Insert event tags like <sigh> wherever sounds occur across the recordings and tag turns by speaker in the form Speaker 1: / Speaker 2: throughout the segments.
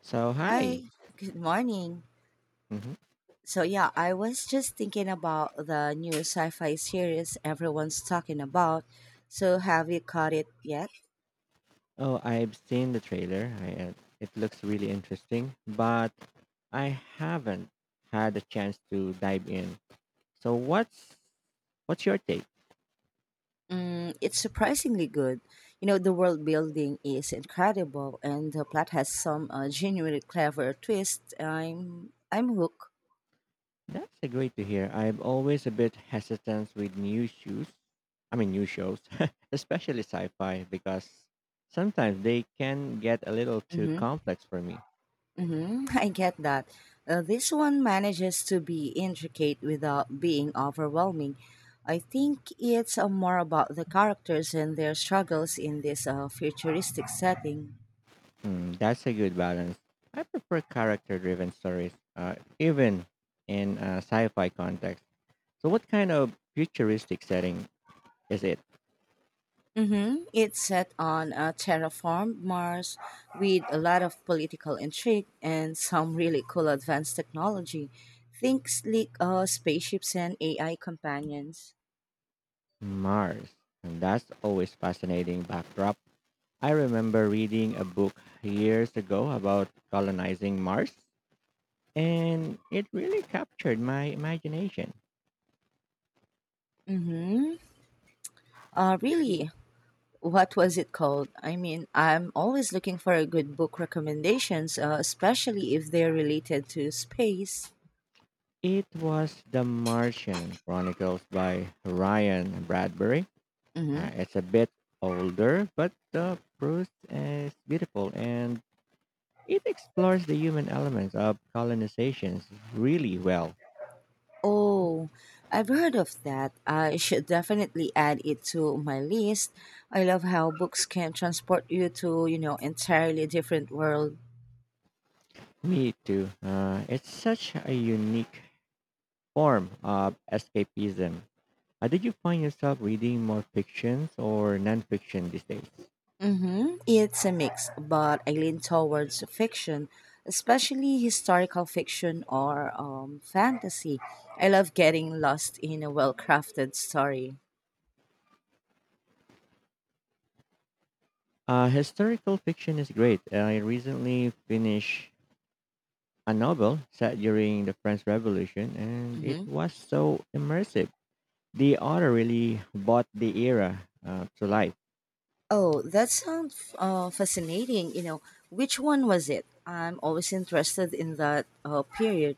Speaker 1: So
Speaker 2: Hi,
Speaker 1: hi.
Speaker 2: good morning.
Speaker 1: Hmm.
Speaker 2: So, I was just thinking about the new sci fi series everyone's talking about. So, have you caught it yet?
Speaker 1: Oh, I've seen the trailer. I it looks really interesting, but I haven't had a chance to dive in. So what's your take?
Speaker 2: Mm, it's surprisingly good. You know, the world building is incredible, and the plot has some genuinely clever twists. I'm hooked.
Speaker 1: That's a great to hear. I'm always a bit hesitant with new shoes. I mean, new shows, <laughs> especially sci-fi, because sometimes they can get a little too
Speaker 2: Mm-hmm.
Speaker 1: complex for me.
Speaker 2: Hmm. <laughs> I get that. This one manages to be intricate without being overwhelming. I think it's more about the characters and their struggles in this futuristic setting.
Speaker 1: Hmm, that's a good balance. I prefer character-driven stories, even in a sci-fi context. So, what kind of futuristic setting is it?
Speaker 2: Mm-hmm. It's set on a terraformed Mars with a lot of political intrigue and some really cool advanced technology. Think sleek spaceships and AI companions.
Speaker 1: Mars. And that's always fascinating backdrop. I remember reading a book years ago about colonizing Mars, and it really captured my imagination.
Speaker 2: Mm-hmm. Really, what was it called? I mean, I'm always looking for a good book recommendations, especially if they're related to space.
Speaker 1: It was The Martian Chronicles by Ryan Bradbury.
Speaker 2: Hmm.
Speaker 1: It's a bit older, but the prose is beautiful and it explores the human elements of colonizations really well.
Speaker 2: Oh, I've heard of that. I should definitely add it to my list. I love how books can transport you to, you know, entirely different world.
Speaker 1: Me too. It's such a unique form of escapism. Did you find yourself reading more fictions or nonfiction these days?
Speaker 2: Mm-hmm. It's a mix, but I lean towards fiction, especially historical fiction or fantasy. I love getting lost in a well crafted story.
Speaker 1: Historical fiction is great. I recently finished a novel set during the French Revolution, and it
Speaker 2: Hmm.
Speaker 1: was so immersive. The author really brought the era to life.
Speaker 2: Oh, that sounds fascinating. You know, which one was it? I'm always interested in that period.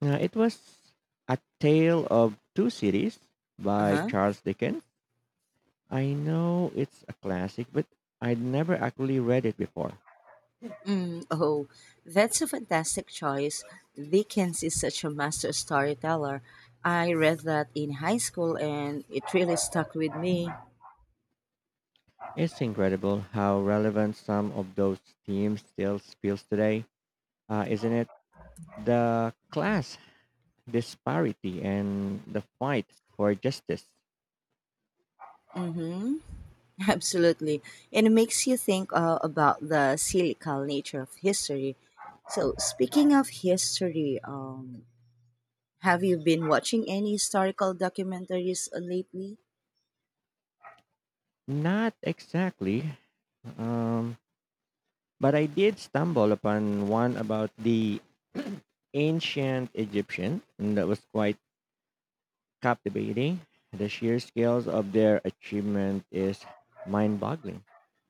Speaker 1: It was A Tale of Two Cities
Speaker 2: Uh
Speaker 1: by
Speaker 2: huh.
Speaker 1: Charles Dickens. I know it's a classic, but I'd never actually read it before.
Speaker 2: Mm, oh, that's a fantastic choice. Dickens is such a master storyteller. I read that in high school and it really stuck with me.
Speaker 1: It's incredible how relevant some of those themes still feels today, isn't it? The class disparity and the fight for justice.
Speaker 2: Mm-hmm. <laughs> Absolutely. And it makes you think about the cyclical nature of history. So, speaking of history, have you been watching any historical documentaries lately?
Speaker 1: Not exactly, um, but I did stumble upon one about the <clears throat> ancient Egyptian, and that was quite captivating. The sheer scales of their achievement is mind-boggling.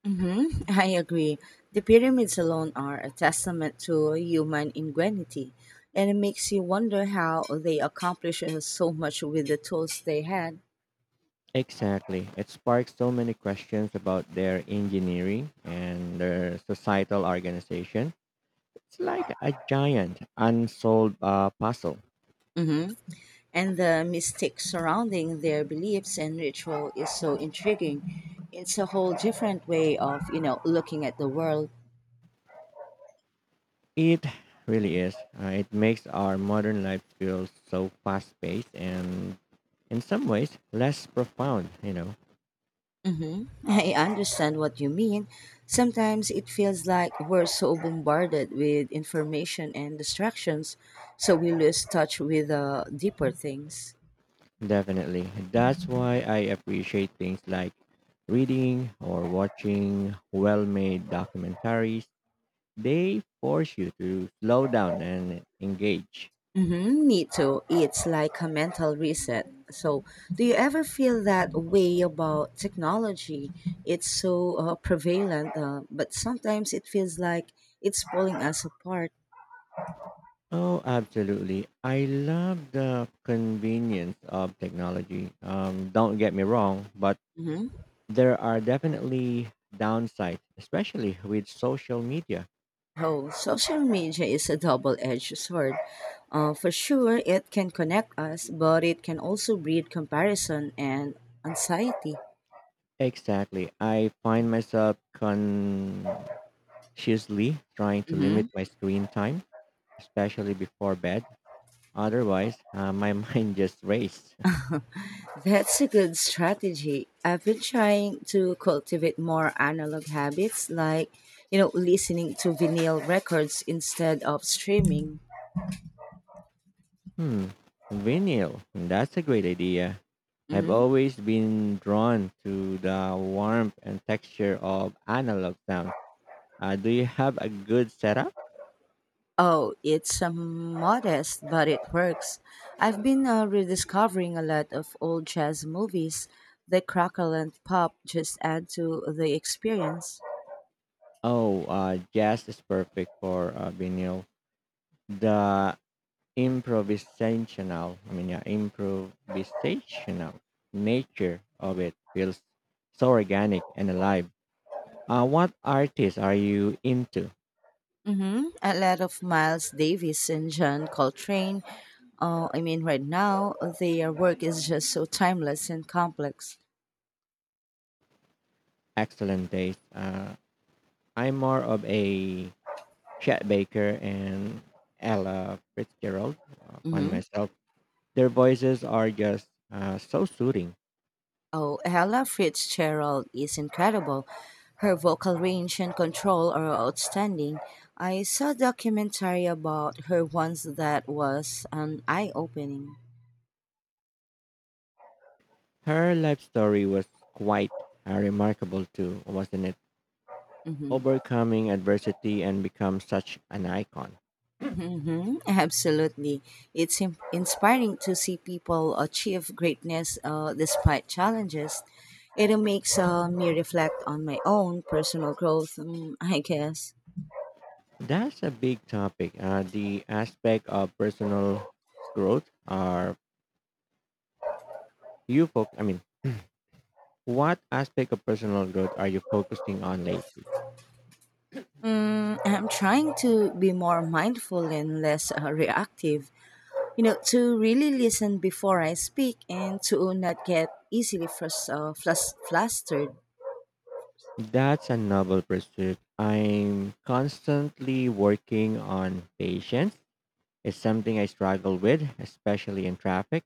Speaker 2: Mm-hmm. <laughs> I agree. The pyramids alone are a testament to human ingenuity, and it makes you wonder how they accomplished so much with the tools they had.
Speaker 1: Exactly. It sparks so many questions about their engineering and their societal organization. It's like a giant unsolved puzzle.
Speaker 2: Mm-hmm. And the mystic surrounding their beliefs and ritual is so intriguing. It's a whole different way of, you know, looking at the world.
Speaker 1: It really is. It makes our modern life feel so fast paced and, in some ways, less profound,
Speaker 2: Hmm. I understand what you mean. Sometimes it feels like we're so bombarded with information and distractions, so we lose touch with the deeper things.
Speaker 1: Definitely. That's why I appreciate things like reading or watching well made documentaries. They force you to slow down and engage.
Speaker 2: Mm-hmm, me too. It's like a mental reset. So, do you ever feel that way about technology? It's so prevalent, but sometimes it feels like it's pulling us apart.
Speaker 1: Oh, absolutely. I love the convenience of technology. Don't get me wrong, but
Speaker 2: Mm-hmm.
Speaker 1: there are definitely downsides, especially with social media.
Speaker 2: Oh, social media is a double-edged sword. For sure, it can connect us, but it can also breed comparison and anxiety.
Speaker 1: Exactly. I find myself consciously trying to
Speaker 2: Hmm.
Speaker 1: limit my screen time, especially before bed. Otherwise, my <laughs> mind just races.
Speaker 2: That's a good strategy. I've been trying to cultivate more analog habits, like, you know, listening to vinyl records instead of streaming.
Speaker 1: Hmm, vinyl. That's a great idea. I've
Speaker 2: Hmm.
Speaker 1: always been drawn to the warmth and texture of analog sounds. Do you have a good setup?
Speaker 2: Oh, it's modest, but it works. I've been rediscovering a lot of old jazz movies. The crackle and pop just add to the experience.
Speaker 1: Oh, jazz is perfect for vinyl. The improvisational, I mean, yeah, improvisational nature of it feels so organic and alive. What artists are you into?
Speaker 2: Mm-hmm. A lot of Miles Davis and John Coltrane. I mean, right now, their work is just so timeless and complex.
Speaker 1: Excellent taste. I'm more of a Chet Baker and Ella Fitzgerald upon
Speaker 2: Mhm.
Speaker 1: myself. Their voices are just so soothing.
Speaker 2: Oh, Ella Fitzgerald is incredible. Her vocal range and control are outstanding. I saw a documentary about her once that was an eye opening.
Speaker 1: Her life story was quite remarkable too, wasn't it?
Speaker 2: Mm hmm
Speaker 1: Overcoming adversity and become such an icon.
Speaker 2: mm hmm <laughs> Absolutely. Inspiring to see people achieve greatness despite challenges. It makes me reflect on my own personal growth, mm, I guess.
Speaker 1: That's a big topic. The aspect of personal growth are you focus? I mean, What aspect of personal growth are you focusing on lately?
Speaker 2: Mm, I'm trying to be more mindful and less reactive. You know, to really listen before I speak and to not get easily flustered.
Speaker 1: That's a novel pursuit. I'm constantly working on patience. It's something I struggle with, especially in traffic.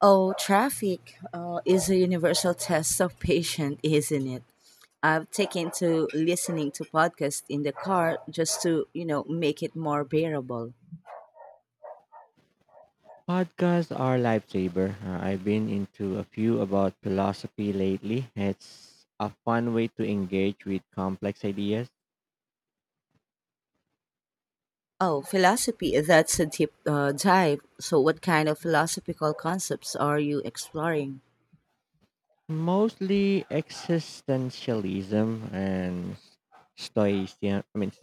Speaker 2: Oh, traffic is a universal <laughs> test of patience, isn't it? I've taken to listening to podcasts in the car just to, you know, make it more bearable.
Speaker 1: Podcasts are lifesaver. I've been into a few about philosophy lately. It's a fun way to engage with complex ideas,
Speaker 2: Oh, philosophy, that's a deep dive. So, what kind of philosophical concepts are you exploring?
Speaker 1: mostly existentialism and stoicism. I mean,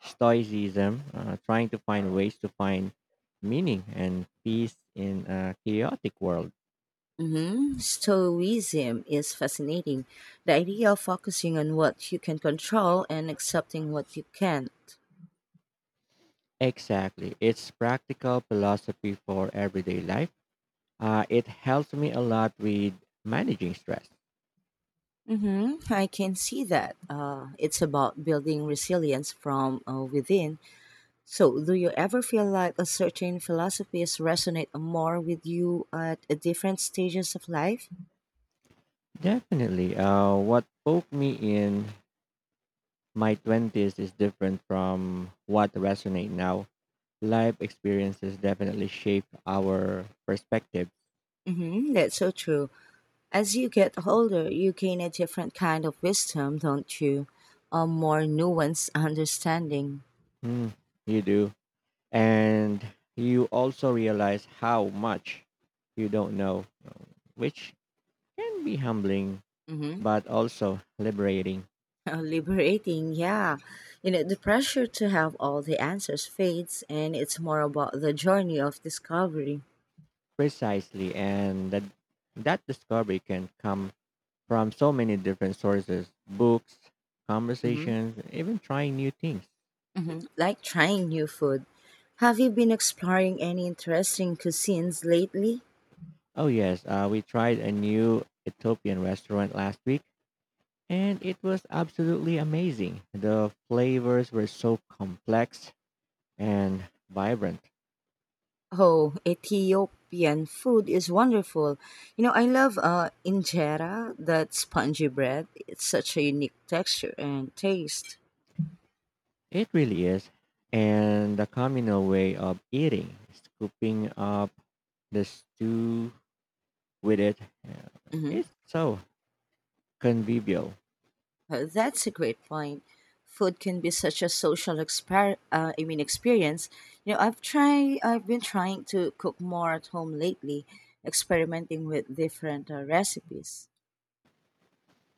Speaker 1: stoicism, trying to find ways to find meaning and peace in a chaotic world.
Speaker 2: Mhm. Stoicism is fascinating. The idea of focusing on what you can control and accepting what you can't.
Speaker 1: Exactly, it's practical philosophy for everyday life. It helps me a lot with managing stress.
Speaker 2: Hmm. I can see that. It's about building resilience from within. So, do you ever feel like a certain philosophies resonate more with you at a different stages of life?
Speaker 1: Definitely, what poked me in my twenties is different from what resonate now. Life experiences definitely shape our perspective.
Speaker 2: Hmm. That's so true. As you get older, you gain a different kind of wisdom, don't you? A more nuanced understanding.
Speaker 1: Mm, you do. And you also realize how much you don't know, which can be humbling
Speaker 2: Mhm.
Speaker 1: but also liberating.
Speaker 2: <laughs> Liberating, yeah, you know, the pressure to have all the answers fades and it's more about the journey of discovery.
Speaker 1: Precisely. And that discovery can come from so many different sources books,
Speaker 2: Hmm.
Speaker 1: conversations, even trying new things.
Speaker 2: Hmm, like trying new food. Have you been exploring any interesting cuisines lately?
Speaker 1: Oh, yes. We tried a new Ethiopian restaurant last week and it was absolutely amazing. The flavors were so complex and vibrant.
Speaker 2: Oh, Ethiopian food is wonderful. You know, I love injera, that spongy bread. It's such a unique texture and taste.
Speaker 1: It really is. And the communal way of eating, scooping up the stew with it, uh, it's so convivial.
Speaker 2: That's a great point. Food can be such a social experience. You know, I've been trying to cook more at home lately, experimenting with different recipes. <laughs>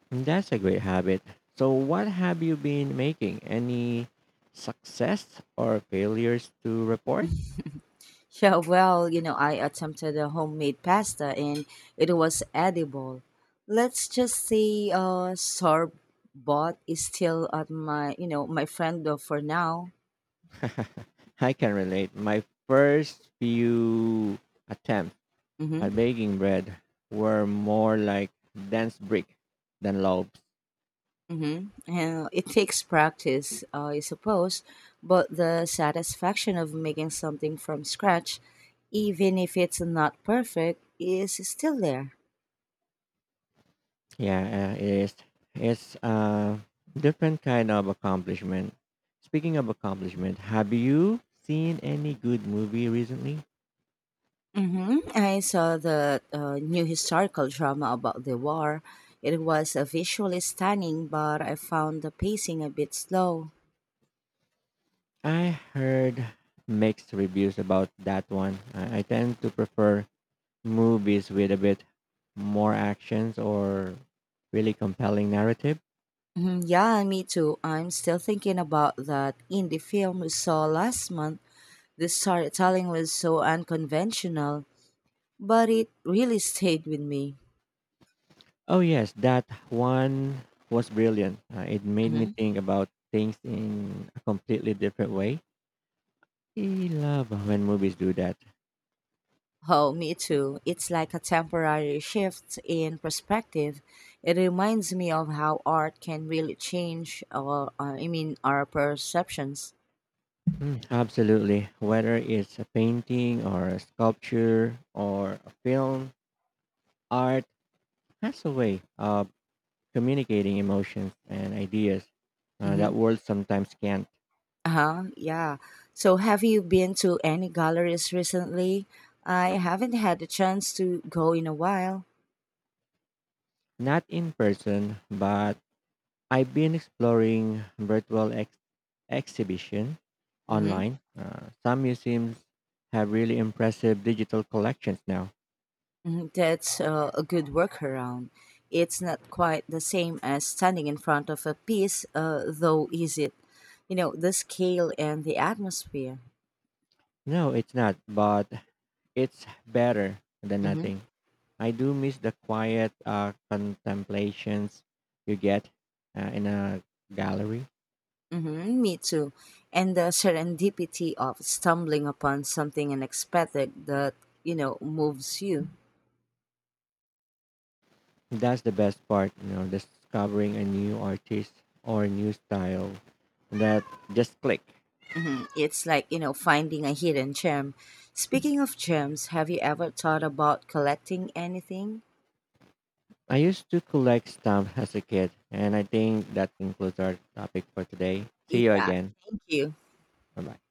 Speaker 1: That's a great habit. So, what have you been making? Any success or failures to report?
Speaker 2: Yeah, well, you know, I attempted a homemade pasta and it was edible. Let's just say sorbot is still at my, you know, my friend for now.
Speaker 1: I can relate. My first few attempts
Speaker 2: Mhm.
Speaker 1: at baking bread were more like dense brick than loaves.
Speaker 2: Mm-hmm. It takes practice, I suppose, but the satisfaction of making something from scratch, even if it's not perfect, is still there.
Speaker 1: Yeah, it is. It's a different kind of accomplishment. Speaking of accomplishment, have you seen any good movie recently?
Speaker 2: Mm-hmm. I saw the new historical drama about the war. It was visually stunning, but I found the pacing a bit slow.
Speaker 1: I heard mixed reviews about that one. I tend to prefer movies with a bit more actions or really compelling narrative.
Speaker 2: Mhm, yeah, me too. I'm still thinking about that indie film we saw last month. The storytelling was so unconventional, but it really stayed with me.
Speaker 1: Oh yes, that one was brilliant. It made me
Speaker 2: Hmm.
Speaker 1: think about things in a completely different way. I love when movies do that.
Speaker 2: Oh, me too. It's like a temporary shift in perspective. It reminds me of how art can really change our perceptions.
Speaker 1: Mm, absolutely. Whether it's a painting or a sculpture or a film, art has a way of communicating emotions and ideas
Speaker 2: Hmm.
Speaker 1: that words sometimes can't.
Speaker 2: Uh-huh, yeah. So have you been to any galleries recently? I haven't had the chance to go in a while.
Speaker 1: Not in person, but I've been exploring virtual exhibition
Speaker 2: Hmm.
Speaker 1: online. Some museums have really impressive digital collections now.
Speaker 2: Mhm, that's a good workaround. It's not quite the same as standing in front of a piece, though, is it? You know, the scale and the atmosphere.
Speaker 1: No, it's not, but it's better than
Speaker 2: Hmm.
Speaker 1: nothing. I do miss the quiet contemplations you get in a gallery.
Speaker 2: Hmm, me too. And the serendipity of stumbling upon something unexpected that, you know, moves you.
Speaker 1: That's the best part, you know, discovering a new artist or new style that just click.
Speaker 2: Hmm. It's like, you know, finding a hidden gem. Speaking of gems, have you ever thought about collecting anything?
Speaker 1: I used to collect stamps as a kid, and I think that concludes our topic for today. See you
Speaker 2: Yeah,
Speaker 1: again.
Speaker 2: thank you.
Speaker 1: Bye bye.